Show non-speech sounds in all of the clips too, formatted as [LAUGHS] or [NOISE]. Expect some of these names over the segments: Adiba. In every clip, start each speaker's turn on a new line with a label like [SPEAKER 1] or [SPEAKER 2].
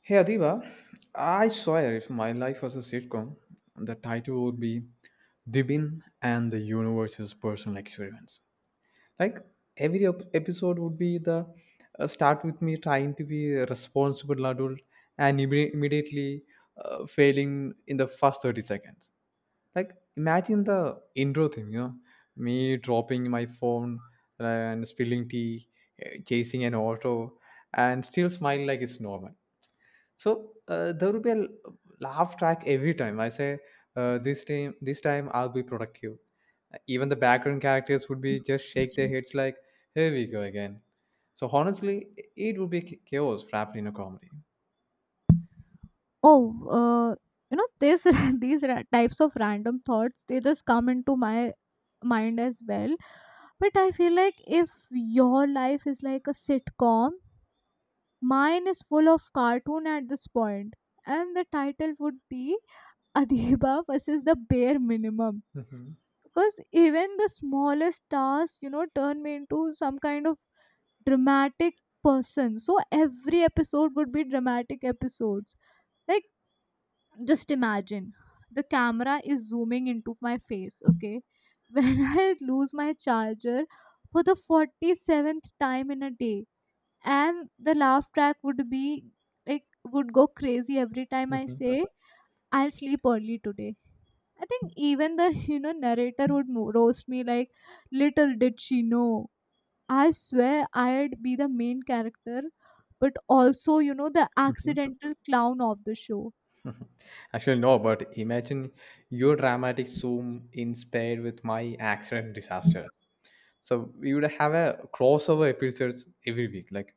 [SPEAKER 1] Hey Adiba, I swear if my life was a sitcom, the title would be Dibin and the Universe's Personal Experience. Like every episode would be the start with me trying to be a responsible adult and immediately failing in the first 30 seconds. Like imagine the intro thing, you know, me dropping my phone and spilling tea, chasing an auto, and still smile like it's normal. So there will be laugh track every time I say, "This time, this time I'll be productive." Even the background characters would be just shake their heads like, "Here we go again." So honestly, it would be chaos wrapped in a comedy.
[SPEAKER 2] Oh, you know this [LAUGHS] types of random thoughts, they just come into my mind as well. But I feel like if your life is like a sitcom, mine is full of cartoon at this point, and the title would be [LAUGHS] Adiba versus the bare minimum.
[SPEAKER 1] Mhm,
[SPEAKER 2] Because even the smallest tasks turn me into some kind of dramatic person, so every episode would be dramatic episodes. Like, just imagine, the camera is zooming into my face, okay? [LAUGHS] When I lose my charger for the 47th time in a day, and the laugh track would be like would go crazy every time I
[SPEAKER 1] mhm,
[SPEAKER 2] say, I'll sleep early today. I think even the [LAUGHS] narrator would roast me like, little did she know. I swear I'd be the main character, but also the
[SPEAKER 1] mhm,
[SPEAKER 2] accidental clown of the show.
[SPEAKER 1] mhm. Actually, no, but imagine your dramatic zoom in paired with my accident disaster. So we would have a crossover episodes every week. Like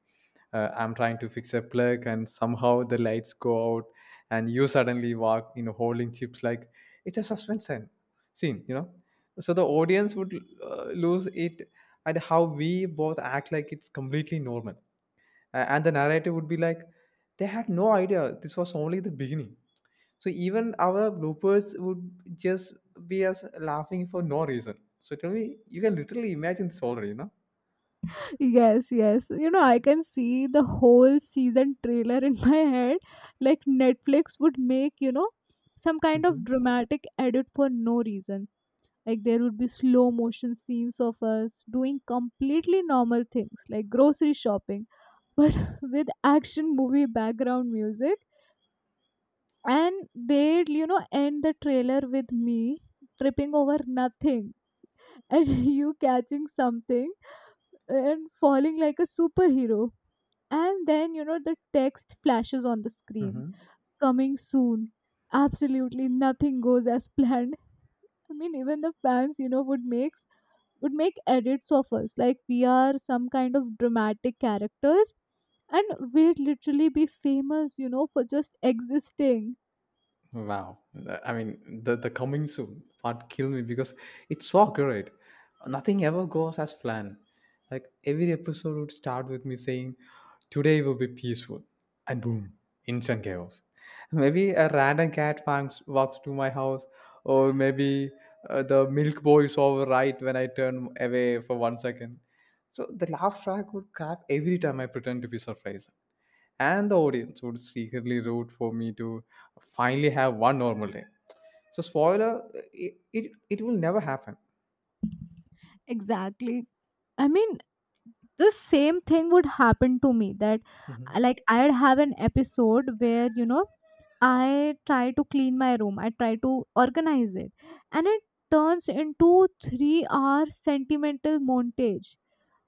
[SPEAKER 1] I'm trying to fix a plug and somehow the lights go out, and you suddenly walk, you know, holding chips like it's a suspension scene, you know. So the audience would lose it at how we both act like it's completely normal. And the narrator would be like, "They had no idea this was only the beginning." So even our bloopers would just be us laughing for no reason. So tell me you can literally imagine this already.
[SPEAKER 2] Yes, yes. I can see the whole season trailer in [LAUGHS] my head. Like Netflix would make some kind of
[SPEAKER 1] Mm-hmm.
[SPEAKER 2] dramatic edit for no reason. Like there would be slow motion scenes of us doing completely normal things like grocery shopping, but [LAUGHS] with action movie background music. And they'd end the trailer with me tripping over nothing, and [LAUGHS] you catching something, and falling like a superhero, and then the text flashes on the screen: coming soon, absolutely nothing goes as [LAUGHS] planned. I mean, even the fans would make edits of us like we are some kind of dramatic characters, and we'd literally be famous for just existing.
[SPEAKER 1] Wow. I mean, the coming soon part killed me because it's so accurate. Nothing ever goes as planned. Like every episode would start with me saying, "Today will be peaceful." And boom, instant chaos. Maybe a random cat walks to my house, or maybe the milk boy is over right when I turn away for 1 second. So the laugh track would clap every time I pretend to be surprised, and the audience would secretly root for me to finally have one normal day. So spoiler, it will never happen.
[SPEAKER 2] Exactly. I mean, the same thing would happen to me, that
[SPEAKER 1] Mhm,
[SPEAKER 2] like I'd have an episode where I try to clean my room, I try to organize it, and it turns into 3-hour hour sentimental montage,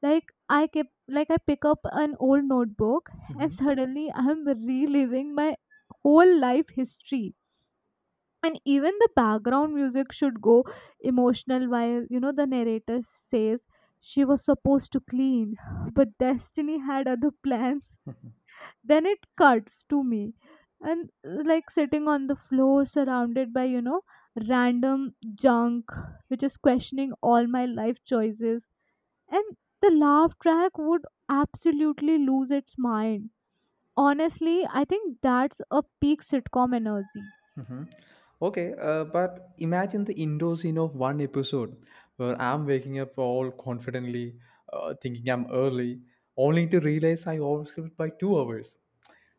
[SPEAKER 2] like I kept like I pick up an old notebook and
[SPEAKER 1] mhm,
[SPEAKER 2] [LAUGHS] suddenly I'm reliving my whole life history. And even the background music should go emotional while the narrator says, she was supposed to clean but destiny had other plans. Then it cuts to me and like sitting on the floor, surrounded by random junk, which is questioning all my life choices. And the laugh track would absolutely lose its mind. Honestly, I think that's a peak sitcom energy.
[SPEAKER 1] mhm. Okay, but imagine the indoor scene of one episode where I'm waking up all confidently, thinking I'm early, only to realize I overslept by 2 hours.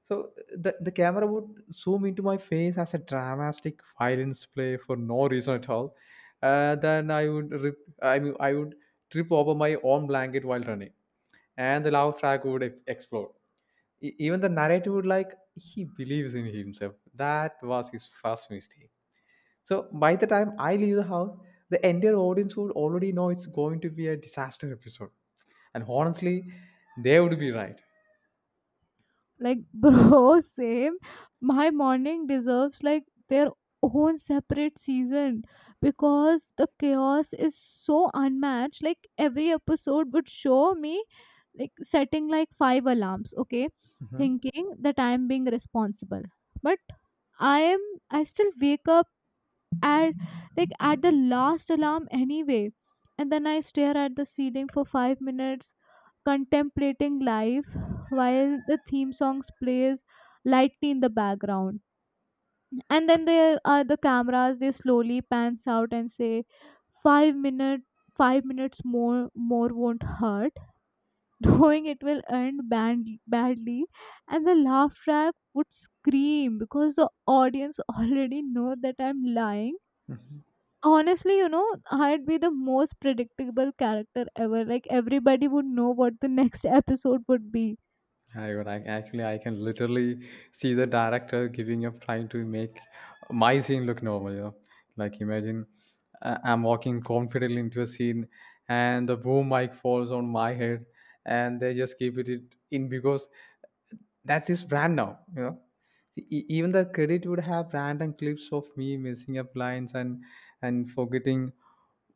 [SPEAKER 1] So the camera would zoom into my face as a dramatic violence play for no reason at all. Then I would rip, I mean, I would trip over my own blanket while running, and the laugh track would explode. Even the narrator would like, "He believes in himself. That was his first mistake." So by the time I leave the house, the entire audience would already know it's going to be a disaster episode, and honestly, they would be right.
[SPEAKER 2] Like, [LAUGHS] bro, same. My morning deserves like their own separate season because the chaos is so unmatched. Like, every episode would show me like setting like five alarms, okay, thinking that I'm being responsible. But I am, I still wake up at the last alarm anyway. And then I stare at the ceiling for 5 minutes, contemplating life while the theme songs plays lightly in the background, and then there are the cameras, they slowly pans out and say, 5 minute 5 minutes more, won't hurt, [LAUGHS] knowing it will end badly. And the laugh track would scream because the audience [LAUGHS] already know that I'm lying.
[SPEAKER 1] Mhm.
[SPEAKER 2] Honestly, I'd be the most predictable character ever, like everybody would know what the [LAUGHS] next episode would be.
[SPEAKER 1] I would like, actually, I can literally see the director giving up trying to make my scene look normal, you know. Like imagine I'm walking confidently into a scene and the boom mic falls on my head, and they just keep it in because that's his brand now, you know. Even the credit would have random clips of me messing up lines and forgetting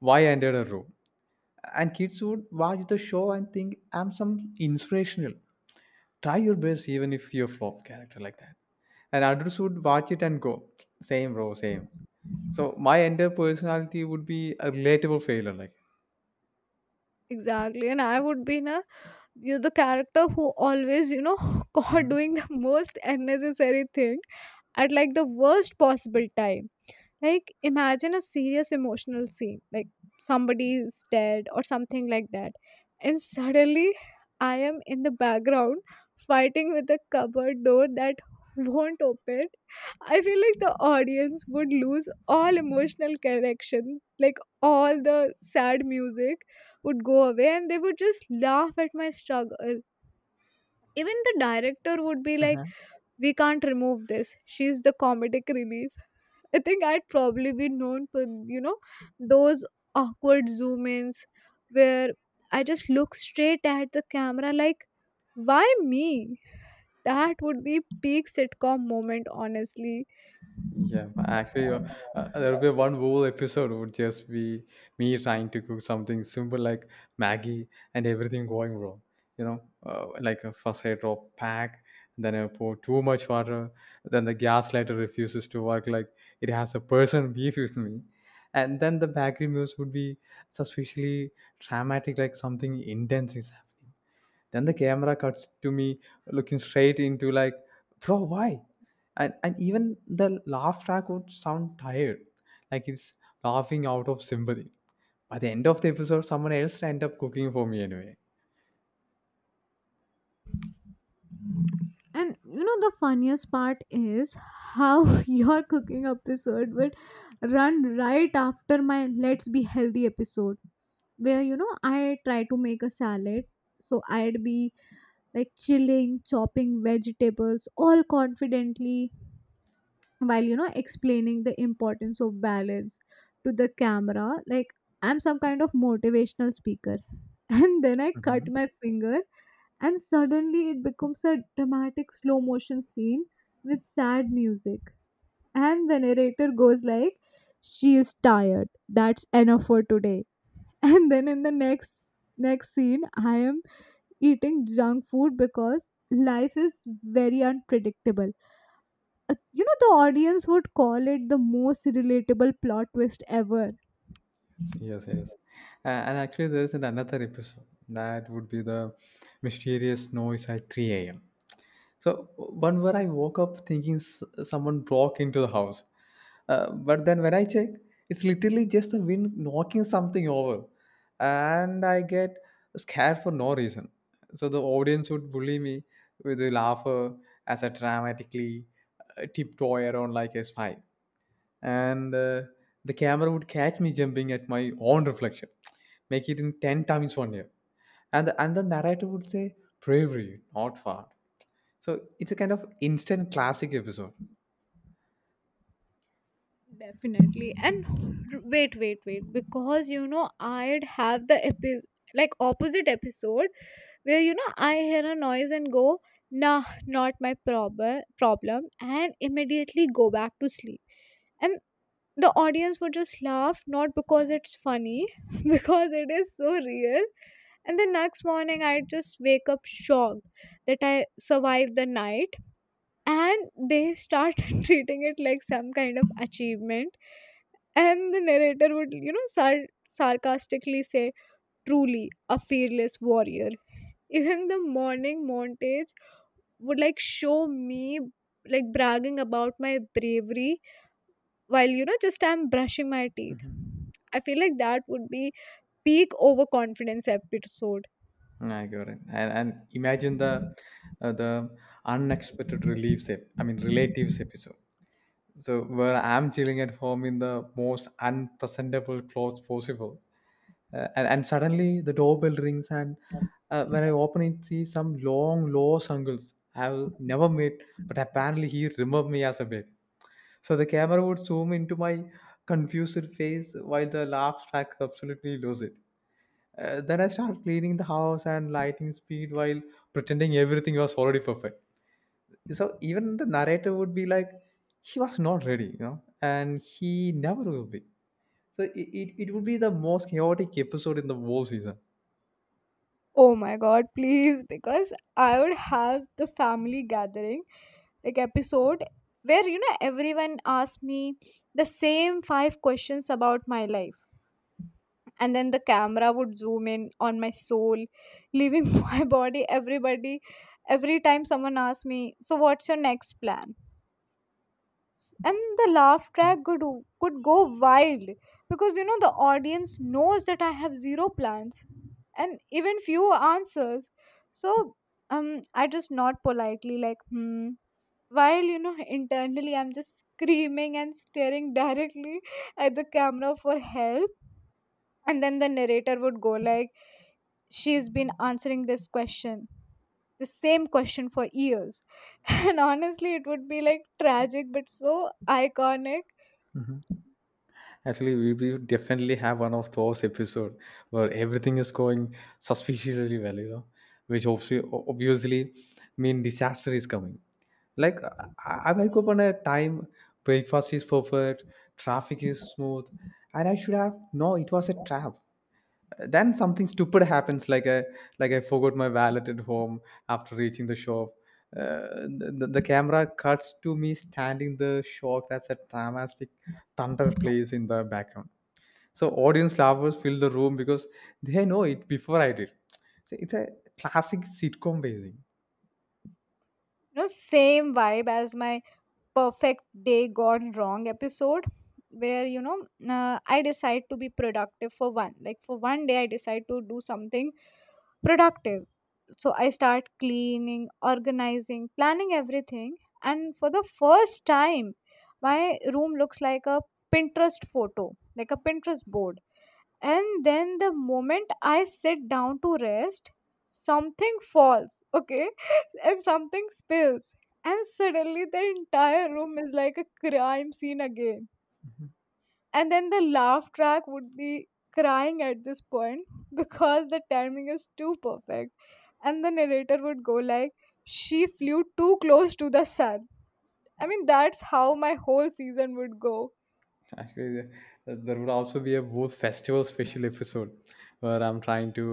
[SPEAKER 1] why I entered a room. And kids would watch the show and think I'm some inspirational try your best even if you're flop character like that, and others would watch it and go, "Same bro, same." So my entire personality would be a relatable failure like.
[SPEAKER 2] Exactly, and I would be na you, the character who always [LAUGHS] caught doing the most unnecessary thing at like the worst possible time. Like, imagine a serious emotional scene, like somebody's dead or something like that. And suddenly, I am in the background fighting with a cupboard door that [LAUGHS] won't open. I feel like the audience would lose all emotional connection, like all the sad music would go away, and they would just laugh at my struggle. Even the director would be like,
[SPEAKER 1] Mhm.
[SPEAKER 2] we can't remove this. She's the comedic relief. I think I'd probably be known for those awkward zoom ins where I just look straight at the camera like, why me? That would be peak sitcom moment, honestly.
[SPEAKER 1] Yeah, but actually, there will be one whole episode would just be me trying to cook something simple like Maggie, and everything going wrong. You know, like, first I drop pack, then I pour too much water, then the gas lighter refuses to work. Like it has a person beef with me, and then the background meals would be suspiciously dramatic, like something intense is happening. Then the camera cuts to me looking straight into like, "Bro, why?" And even the laugh track would sound tired, like it's laughing out of sympathy. By the end of the episode, someone else end up cooking for me anyway.
[SPEAKER 2] And the funniest part is how [LAUGHS] your cooking episode would run right after my let's be healthy episode, where I try to make a salad. So I'd be like chilling, chopping vegetables, all confidently, while explaining the importance of balance to the camera. Like I'm some kind of motivational speaker. [LAUGHS] And then I cut
[SPEAKER 1] Hmm.
[SPEAKER 2] my finger, and suddenly it becomes a dramatic slow motion scene with sad music. And the narrator goes like, she is tired. That's enough for today. [LAUGHS] And then in the next scene, I am eating junk food because life is very unpredictable. The audience would call it the most relatable plot twist ever.
[SPEAKER 1] So, yes, yes. And actually, there is another episode that would be the mysterious noise at 3 a.m. So one where I woke up thinking someone broke into the house, but then when I check, it's literally just the wind knocking something over, and I get scared for no reason. So the audience would bully me with a laugher as I dramatically tiptoe around like a spy, and the camera would catch me jumping at my own reflection, make it in ten times 1 year, and the narrator would say, "Bravery, not far." So it's a kind of instant classic episode.
[SPEAKER 2] Definitely. And wait, wait, wait. Because, I'd have the like opposite episode where, I hear a noise and go, nah, not my problem, and immediately go back to sleep. And the audience would just laugh, not because it's funny, [LAUGHS] because it is so real. And the next morning I just wake up shocked that I survived the night, and they start [LAUGHS] treating it like some kind of achievement, and the narrator would sarcastically say, truly a fearless warrior. Even the morning montage would like show me like bragging about my bravery, while just I'm brushing my teeth.
[SPEAKER 1] Mhm.
[SPEAKER 2] I feel like that would be peak overconfidence episode.
[SPEAKER 1] I got it. And imagine the uh, the unexpected reliefs. Ep- I mean relatives episode. So where I'm chilling at home in the most unpresentable clothes possible, and suddenly the doorbell rings, and when I open it, see some long lost uncles I've never met, but apparently he remembered me as a baby. So the camera would zoom into my confused face while the laugh track absolutely loses it. Then I started cleaning the house and lighting speed while pretending everything was already perfect. So even the narrator would be like, "He was not ready, you know, and he never will be." So it would be the most chaotic episode in the whole season.
[SPEAKER 2] Oh my god, please, because I would have the family gathering like episode where everyone asked me the same five questions about my life, and then the camera would zoom in on my soul leaving [LAUGHS] my body, everybody, every time someone asks me, so what's your next plan? And the laugh track could go wild because the audience knows that I have zero plans and even few answers. So I just nod politely like, hmm. While internally I'm just screaming and staring directly [LAUGHS] at the camera for help, and then the narrator would go like, "She's been answering this question, the same question for years, [LAUGHS] and honestly it would be like tragic but so iconic."
[SPEAKER 1] Actually, we definitely have one of those episodes where everything is going suspiciously well, you know, which obviously mean disaster is coming. Like I wake up on a time, breakfast is perfect, traffic is smooth, and I should have no. It was a trap. Then something stupid happens, like I forgot my wallet at home after reaching the shop. The camera cuts to me standing the shocked as a dramatic thunder plays in the background. So audience lovers fill the room because they know it before I did. So it's a classic sitcom basing.
[SPEAKER 2] No, same vibe as my perfect day gone wrong episode, where I decide to be productive for one like for one day, I decide to do something productive. So I start cleaning, organizing, planning everything, and for the first time my room looks like a Pinterest photo, like a Pinterest board. And then the moment I sit down to rest, something falls, okay, [LAUGHS] and something spills, and suddenly the entire room is like a crime scene again. And then the laugh track would be crying at this point, [LAUGHS] because the timing is too perfect, and the narrator would go like, she flew too close to the sun. I mean, that's how my whole season would go.
[SPEAKER 1] [LAUGHS] Actually, there would also be a both festival special episode where I'm trying to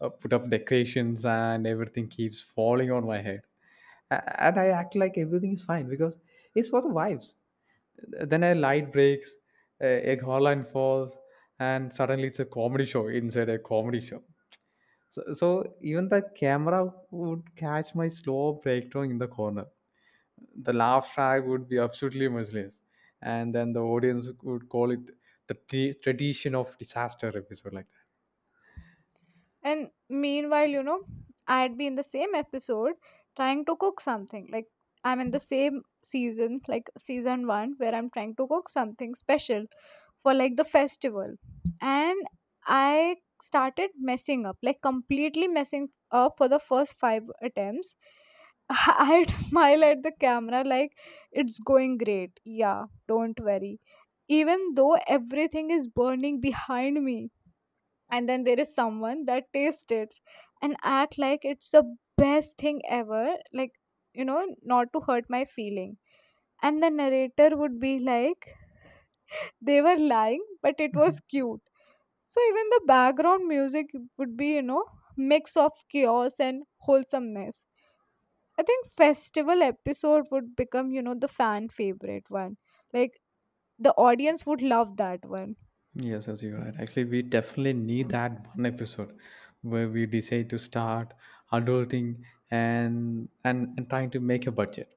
[SPEAKER 1] put up decorations and everything keeps falling on my head. And I act like everything is fine because it's for the vibes. Then a light breaks, a hotline falls, and suddenly it's a comedy show inside a comedy show. So, so even the camera would catch my slow breakdown in the corner. The laugh track would be absolutely merciless, and then the audience would call it the tradition of disaster episode like that.
[SPEAKER 2] And meanwhile I'd be in the same episode trying to cook something. Like I'm in the same season, like season one, where I'm trying to cook something special for like the festival. And I started messing up, like completely messing up for the first five attempts. [LAUGHS] I'd smile at the camera like, it's going great. Yeah, don't worry. Even though everything is burning behind me, and then there is someone that tastes it and act like it's the best thing ever, like not to hurt my feeling, and the narrator would be like, they were lying but it was
[SPEAKER 1] Mhm.
[SPEAKER 2] cute. So even the background music would be mix of chaos and wholesomeness. I think festival episode would become the fan favorite one, like the audience would love that one.
[SPEAKER 1] Yes, yes, you're right. Actually, we definitely need that one episode where we decide to start adulting and and trying to make a budget.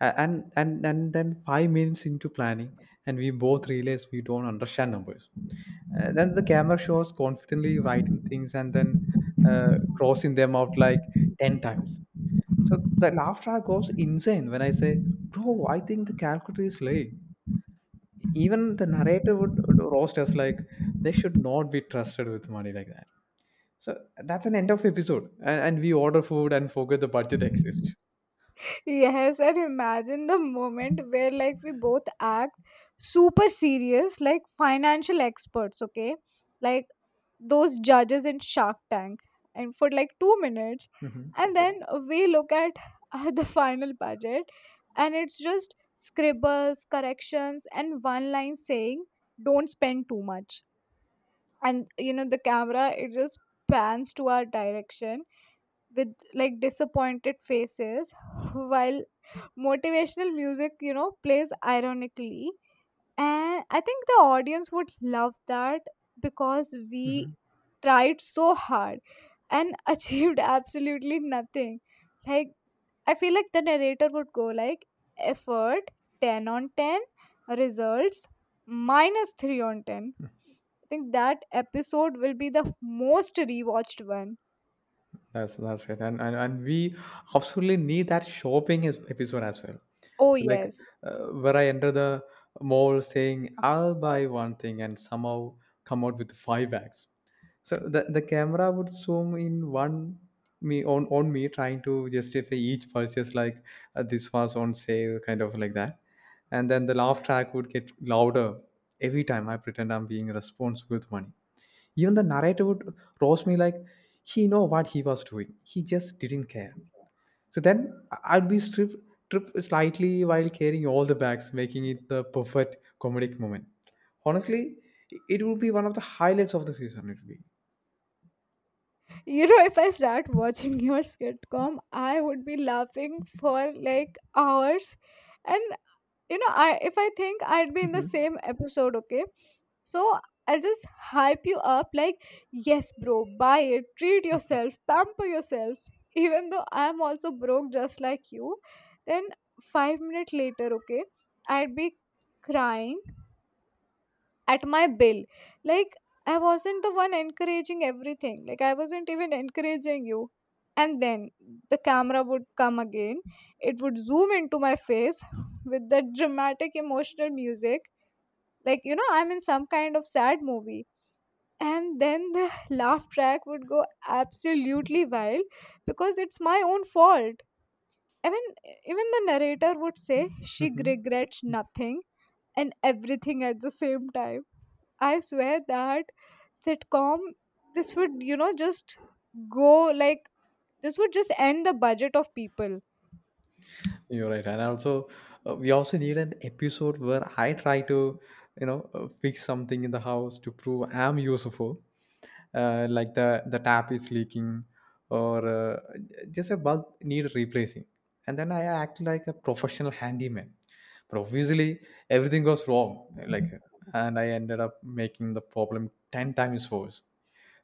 [SPEAKER 1] And and then 5 minutes into planning, and we both realize we don't understand numbers. Then the camera shows confidently writing things and then crossing them out like ten times. So the laugh track goes insane when I say, "Bro, I think the calculator is late." Even the narrator would roast us like, "They should not be trusted with money like that." So that's an end of episode, and we order food and forget the budget exists.
[SPEAKER 2] Yes, and imagine the moment where like we both act super serious, like financial experts, okay? Like those judges in Shark Tank, and for like 2 minutes,
[SPEAKER 1] Hmm.
[SPEAKER 2] and then we look at [LAUGHS] the final budget, and it's just scribbles, corrections, and one line saying, "Don't spend too much." And the camera, it just pans to our direction with like disappointed faces, while motivational music plays ironically, and I think the audience would love that because we
[SPEAKER 1] Hmm.
[SPEAKER 2] tried so hard and [LAUGHS] achieved absolutely nothing. Like, I feel like the narrator would go like, effort 10 on 10, results minus 3 on 10. I think that episode will be the most rewatched one.
[SPEAKER 1] That's right, and and we absolutely need that shopping episode as well.
[SPEAKER 2] Oh
[SPEAKER 1] So like
[SPEAKER 2] yes.
[SPEAKER 1] where I enter the mall saying I'll buy one thing and somehow come out with five bags. So the camera would zoom in one me on me trying to justify each purchase like, "This was on sale," kind of like that, and then the laugh track would get louder every time I pretend I'm being responsible with money. Even the narrator would roast me like, "He know what he was doing. He just didn't care." So then I- would be stripped trip slightly while carrying all the bags, making it the perfect comedic moment. Honestly, it will be one of the highlights of the season. It will be.
[SPEAKER 2] If I start watching [LAUGHS] your sitcom, I would be laughing for like hours. And you know, I if I think I'd be in the
[SPEAKER 1] Mhm.
[SPEAKER 2] same episode, okay? So I'll just hype you up like, yes, bro, buy it, treat yourself, pamper yourself. [LAUGHS] Even though I'm also broke just like you, then 5 minutes later, okay, I'd be crying at my bill like I wasn't the one encouraging everything. Like I wasn't even encouraging you. And then the camera would come again, it would zoom into my face [LAUGHS] with that dramatic emotional music, like you know I'm in some kind of sad movie. And then the [LAUGHS] laugh track would go absolutely wild because it's my own fault. I mean, even the narrator would say she
[SPEAKER 1] Mhm.
[SPEAKER 2] regrets nothing and everything at the same time. I swear that sitcom, this would just go like, this would just end the budget of people.
[SPEAKER 1] [LAUGHS] You're right, and also we also need an episode where I try to, you know, fix something in the house to prove I'm useful. Like the tap is leaking, or just a bug need replacing, and then I act like a professional handyman, but obviously everything goes wrong, like, and I ended up making the problem 10 times worse.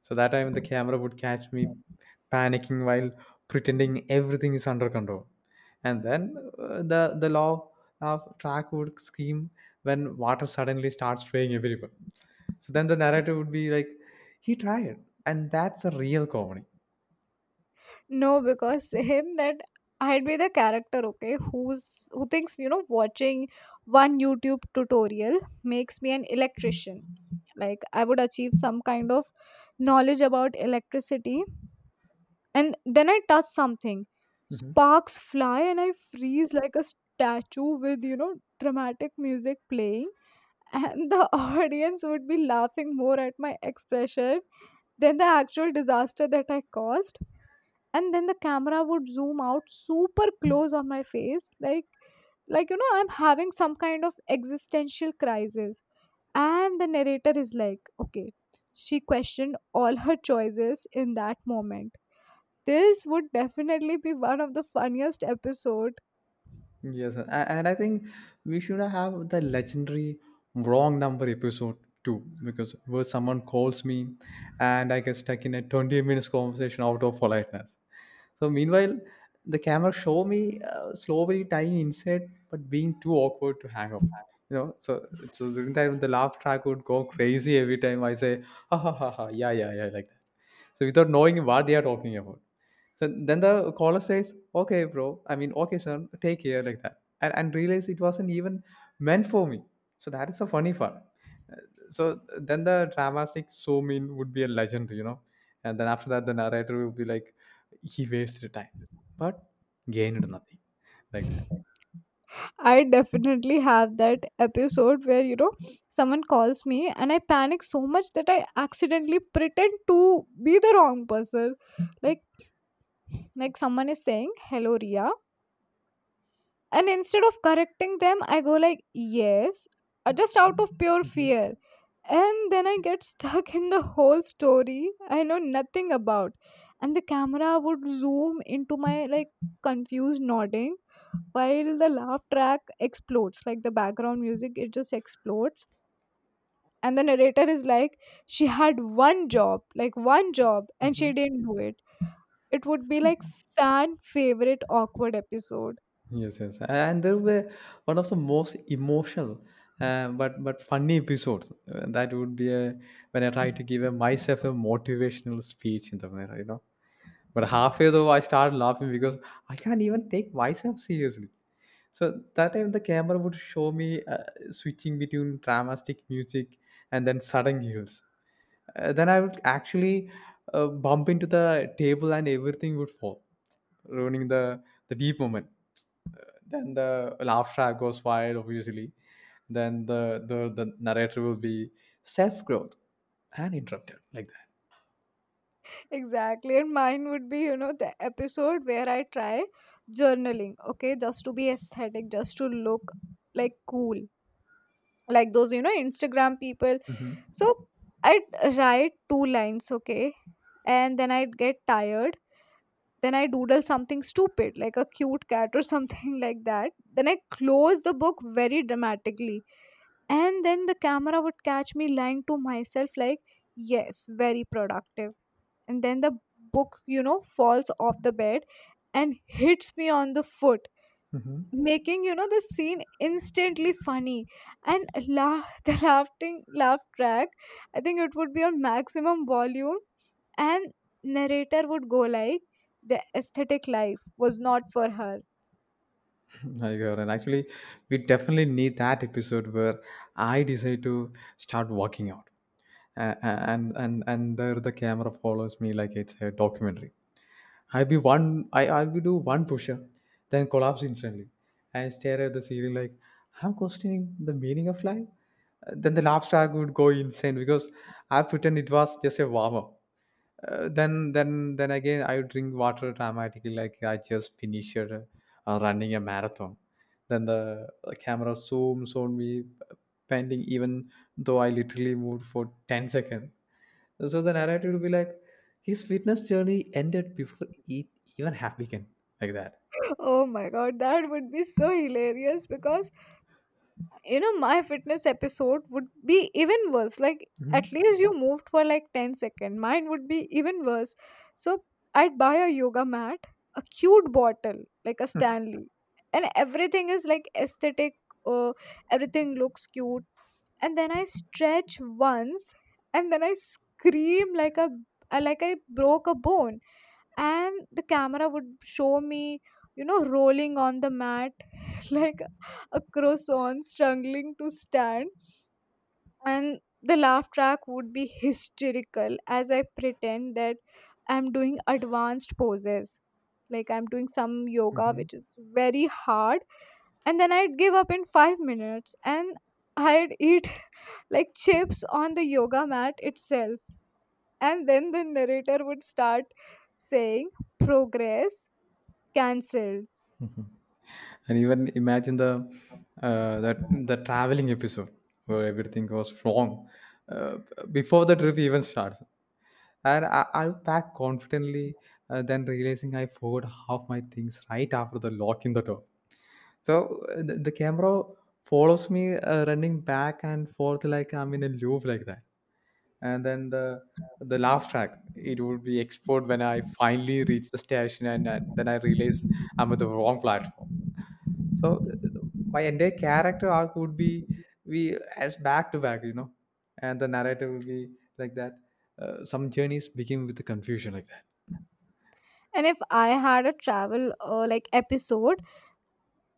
[SPEAKER 1] So that time the camera would catch me panicking while pretending everything is under control, and then the law of track would scream when water suddenly starts spraying everywhere. So then the narrative would be like, "He tried," and that's a real comedy.
[SPEAKER 2] No, because [LAUGHS] him that, I'd be the character, okay, who thinks, you know, watching one YouTube tutorial makes me an electrician. Like I would achieve some kind of knowledge about electricity. And then I touch something.
[SPEAKER 1] Mhm.
[SPEAKER 2] Sparks fly and I freeze like a statue with, you know, dramatic music playing, and the [LAUGHS] audience would be laughing more at my expression than the actual disaster that I caused. And then the camera would zoom out super close on my face, like you know I'm having some kind of existential crisis. And the narrator is like, okay, she questioned all her choices in that moment. This would definitely be one of the funniest episodes.
[SPEAKER 1] Yes, and I think we should have the legendary wrong number episode too, because where someone calls me and I get stuck in a 20 minutes conversation out of politeness. So meanwhile, the camera show me slowly tying inside, but being too awkward to hang up. You know, so so during that the laugh track would go crazy every time I say ha ha ha ha, yeah yeah yeah, like that. So without knowing what they are talking about. So then the caller says, "Okay, bro. I mean, okay, son. Take care like that," and realize it wasn't even meant for me. So that is a funny part. So then the dramatic so mean would be a legend, you know. And then after that, the narrator will be like, "He wasted time, but gained nothing," like that.
[SPEAKER 2] I definitely have that episode where you know someone calls me and I panic so much that I accidentally pretend to be the wrong person. Like like someone is saying hello Ria, and instead of correcting them I go like yes, just out of pure
[SPEAKER 1] hmm
[SPEAKER 2] fear. And then I get stuck in the whole story I know nothing about. And the camera would zoom into my, like, confused nodding while the laugh track explodes, like the background music, it just explodes. And the narrator is like, she had one job, like one job, and
[SPEAKER 1] hmm
[SPEAKER 2] she didn't do it. It would be like fan favorite awkward episode.
[SPEAKER 1] Yes, yes. And there were one of the most emotional, but funny episodes. That would be a when I try to give a, myself a motivational speech in the mirror, you know. But halfway though, I started laughing because I can't even take myself seriously. So that time the camera would show me switching between dramatic music and then sudden heels. Then I would actually bump into the table and everything would fall, ruining the deep moment. Then the laugh track goes wild, obviously. Then the narrator will be self growth and interrupted like that.
[SPEAKER 2] Exactly, and mine would be, you know, the episode where I try journaling, okay, just to be aesthetic, just to look like cool, like those you know Instagram people.
[SPEAKER 1] hmm
[SPEAKER 2] So I'd write two lines, okay, and then I'd get tired, then I doodle something stupid like a cute cat or [LAUGHS] something like that. Then I close the book very dramatically, and then the camera would catch me lying to myself like, yes, very productive. And then the book, you know, falls off the bed and hits me on the foot,
[SPEAKER 1] hmm
[SPEAKER 2] making you know the scene instantly funny. And laugh [LAUGHS] the laughing laugh track, I think it would be on maximum volume. And narrator would go like, the aesthetic life was not for her.
[SPEAKER 1] My God. And actually, we definitely need that episode where I decide to start walking out, and there the camera follows me like it's a documentary. I'll be one. I'll be do one push-up, then collapse instantly. I stare at the ceiling like I'm questioning the meaning of life. Then the laugh track would go insane because I pretend it was just a warm up. Then again I would drink water dramatically like I just finished running a marathon. Then the camera zooms on me panting even though I literally moved for 10 seconds. So the narrative would be like, his fitness journey ended before it even happened, like that.
[SPEAKER 2] [LAUGHS] Oh my god, that would be so hilarious, because you know my fitness episode would be even worse. Like at
[SPEAKER 1] Mhm.
[SPEAKER 2] least you moved for like 10 seconds, mine would be even worse. So I'd buy a yoga mat, a cute bottle like a Stanley, and everything is like aesthetic. uh, Everything looks cute, and then I stretch once, and then I scream like a, like I broke a bone. And the camera would show me, you know, rolling on the mat, [LAUGHS] like a croissant struggling to stand. And the laugh track would be hysterical as I pretend that I'm doing advanced poses. Like I'm doing some yoga, which is very hard. And then I'd give up in 5 minutes and I'd eat [LAUGHS] like chips on the yoga mat itself. And then the narrator would start saying, Progress cancelled.
[SPEAKER 1] And even imagine the that the traveling episode where everything goes wrong uh, before the trip even starts. And I'll pack confidently, then realizing I forgot half my things right after the lock in the door. So the camera follows me running back and forth like I'm in a loop like that. And then the laugh track it would be export when I finally reach the station and then I realize I'm at the wrong platform. So, uh, my entire character arc would be we as back to back, you know, and the narrator will be like that. Some journeys begin with the confusion like that.
[SPEAKER 2] And if I had a travel like episode,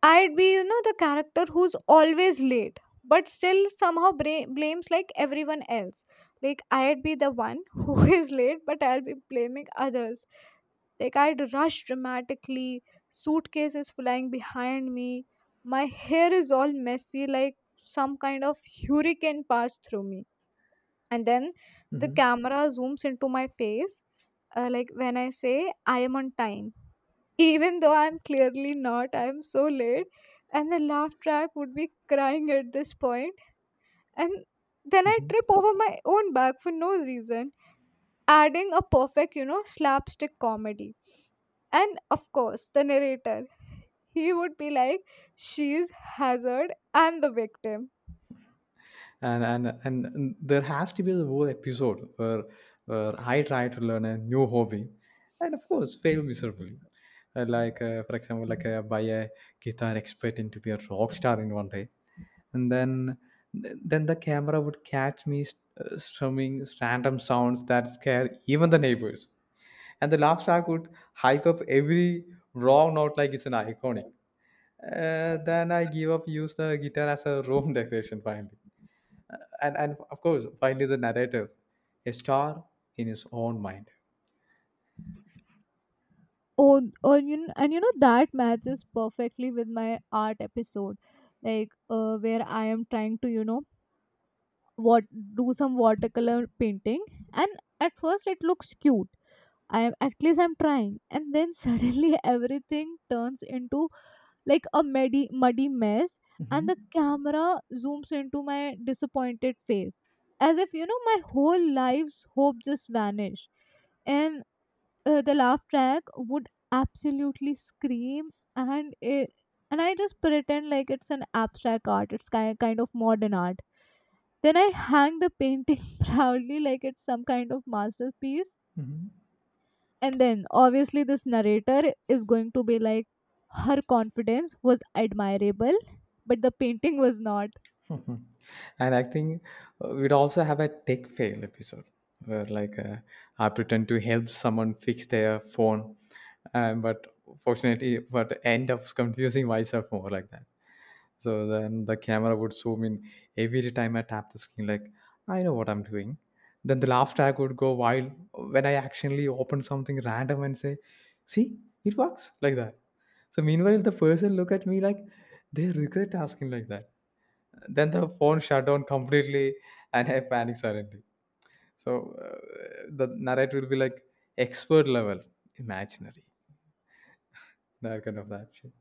[SPEAKER 2] I'd be, you know, the character who's always late, but still somehow blames like everyone else. Like, I'd be the one [LAUGHS] who is late, but I'll be blaming others. Like, I'd rush dramatically, suitcases flying behind me, my hair is all messy, like some kind of hurricane passed through me. And then the
[SPEAKER 1] hmm
[SPEAKER 2] camera zooms into my face, like when I say, I am on time even though I'm clearly not, I'm so late. And the laugh track would be crying at this point. And then I
[SPEAKER 1] hmm
[SPEAKER 2] trip over my own back for no reason, adding a perfect, you know, slapstick comedy. And of course, the narrator, he would be like, she's hazard and the victim.
[SPEAKER 1] and there has to be the whole episode where I try to learn a new hobby, and of course fail miserably. For example, by a guitar expert into be a rock star in one day, and then the camera would catch me strumming random sounds that scare even the neighbors, and the laugh track would hype up every wrong note like it's an iconic. Then I give up, use the guitar as a room [LAUGHS] decoration finally. Uh, and of course finally the narrator, a star in his own mind.
[SPEAKER 2] Oh, oh you, and you know, that matches perfectly with my art episode, like where I am trying to, you know, what do some watercolor painting. And at first it looks cute, I am at least, I'm trying, and then suddenly [LAUGHS] everything turns into like a muddy mess. And the
[SPEAKER 1] Mhm.
[SPEAKER 2] camera zooms into my disappointed face as if you know my whole life's hope just vanished. And the laugh track would absolutely scream. And it and I just pretend like it's an abstract art, it's kind of modern art. Then I hang the painting [LAUGHS] proudly like it's some kind of masterpiece.
[SPEAKER 1] Mhm.
[SPEAKER 2] And then obviously this narrator is going to be like, her confidence was admirable, but the painting was not.
[SPEAKER 1] [LAUGHS] Mhm. And I think we'd also have a tech fail episode where I pretend to help someone fix their phone, but fortunately, but end up confusing myself more like that. So then the camera would zoom in every time I tap the screen, like I know what I'm doing. Then the laugh track would go wild when I actually open something random and say, "See, it works," like that. So meanwhile, the person look at me like they regret asking like that. Then the phone shut down completely, and I panicked suddenly. So the narrator will be like expert level, imaginary, that kind of that shit.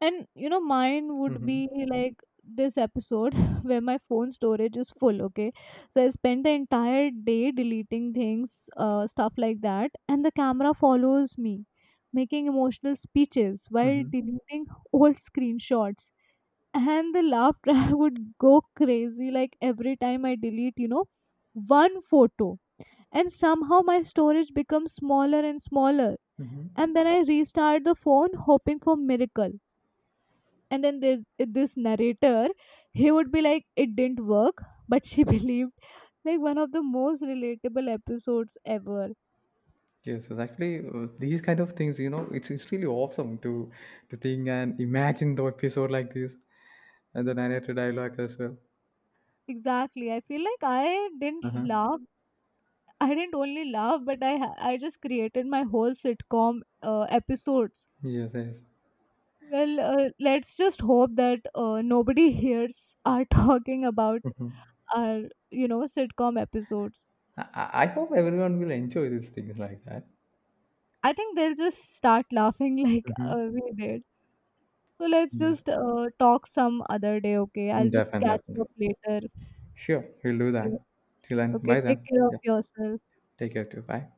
[SPEAKER 2] And you know, mine would be
[SPEAKER 1] hmm
[SPEAKER 2] like this episode [LAUGHS] where my phone storage is full, okay? So I spent the entire day deleting things, stuff like that, and the camera follows me, making emotional speeches while
[SPEAKER 1] hmm
[SPEAKER 2] deleting old screenshots. And the laughter I [LAUGHS] would go crazy like every time I delete, you know, one photo. And somehow my storage becomes smaller and smaller.
[SPEAKER 1] hmm
[SPEAKER 2] And then I restart the phone hoping for miracle. And then there, this narrator, he would be like, it didn't work, but she [LAUGHS] believed. Like one of the most relatable episodes ever.
[SPEAKER 1] Yes, it's actually these kind of things. You know, it's really awesome to think and imagine the episode like this and the narrator dialogue as well.
[SPEAKER 2] Exactly. I feel like I didn't
[SPEAKER 1] Uh-huh.
[SPEAKER 2] laugh. I didn't only laugh, but I I just created my whole sitcom episodes.
[SPEAKER 1] Yes, yes.
[SPEAKER 2] Well, let's just hope that nobody hears our [LAUGHS] talking about
[SPEAKER 1] hmm
[SPEAKER 2] our, you know, sitcom episodes.
[SPEAKER 1] I hope everyone will enjoy these things like that.
[SPEAKER 2] I think they'll just start laughing [LAUGHS] like
[SPEAKER 1] hmm
[SPEAKER 2] we did. So let's
[SPEAKER 1] Yeah,
[SPEAKER 2] just talk some other day, okay? I'll just
[SPEAKER 1] definitely.
[SPEAKER 2] catch you
[SPEAKER 1] Definitely.
[SPEAKER 2] up later.
[SPEAKER 1] Sure, we'll do that.
[SPEAKER 2] Okay,
[SPEAKER 1] Till then,
[SPEAKER 2] okay,
[SPEAKER 1] bye
[SPEAKER 2] take
[SPEAKER 1] then.
[SPEAKER 2] care of
[SPEAKER 1] Yeah,
[SPEAKER 2] yourself.
[SPEAKER 1] take care too. Bye.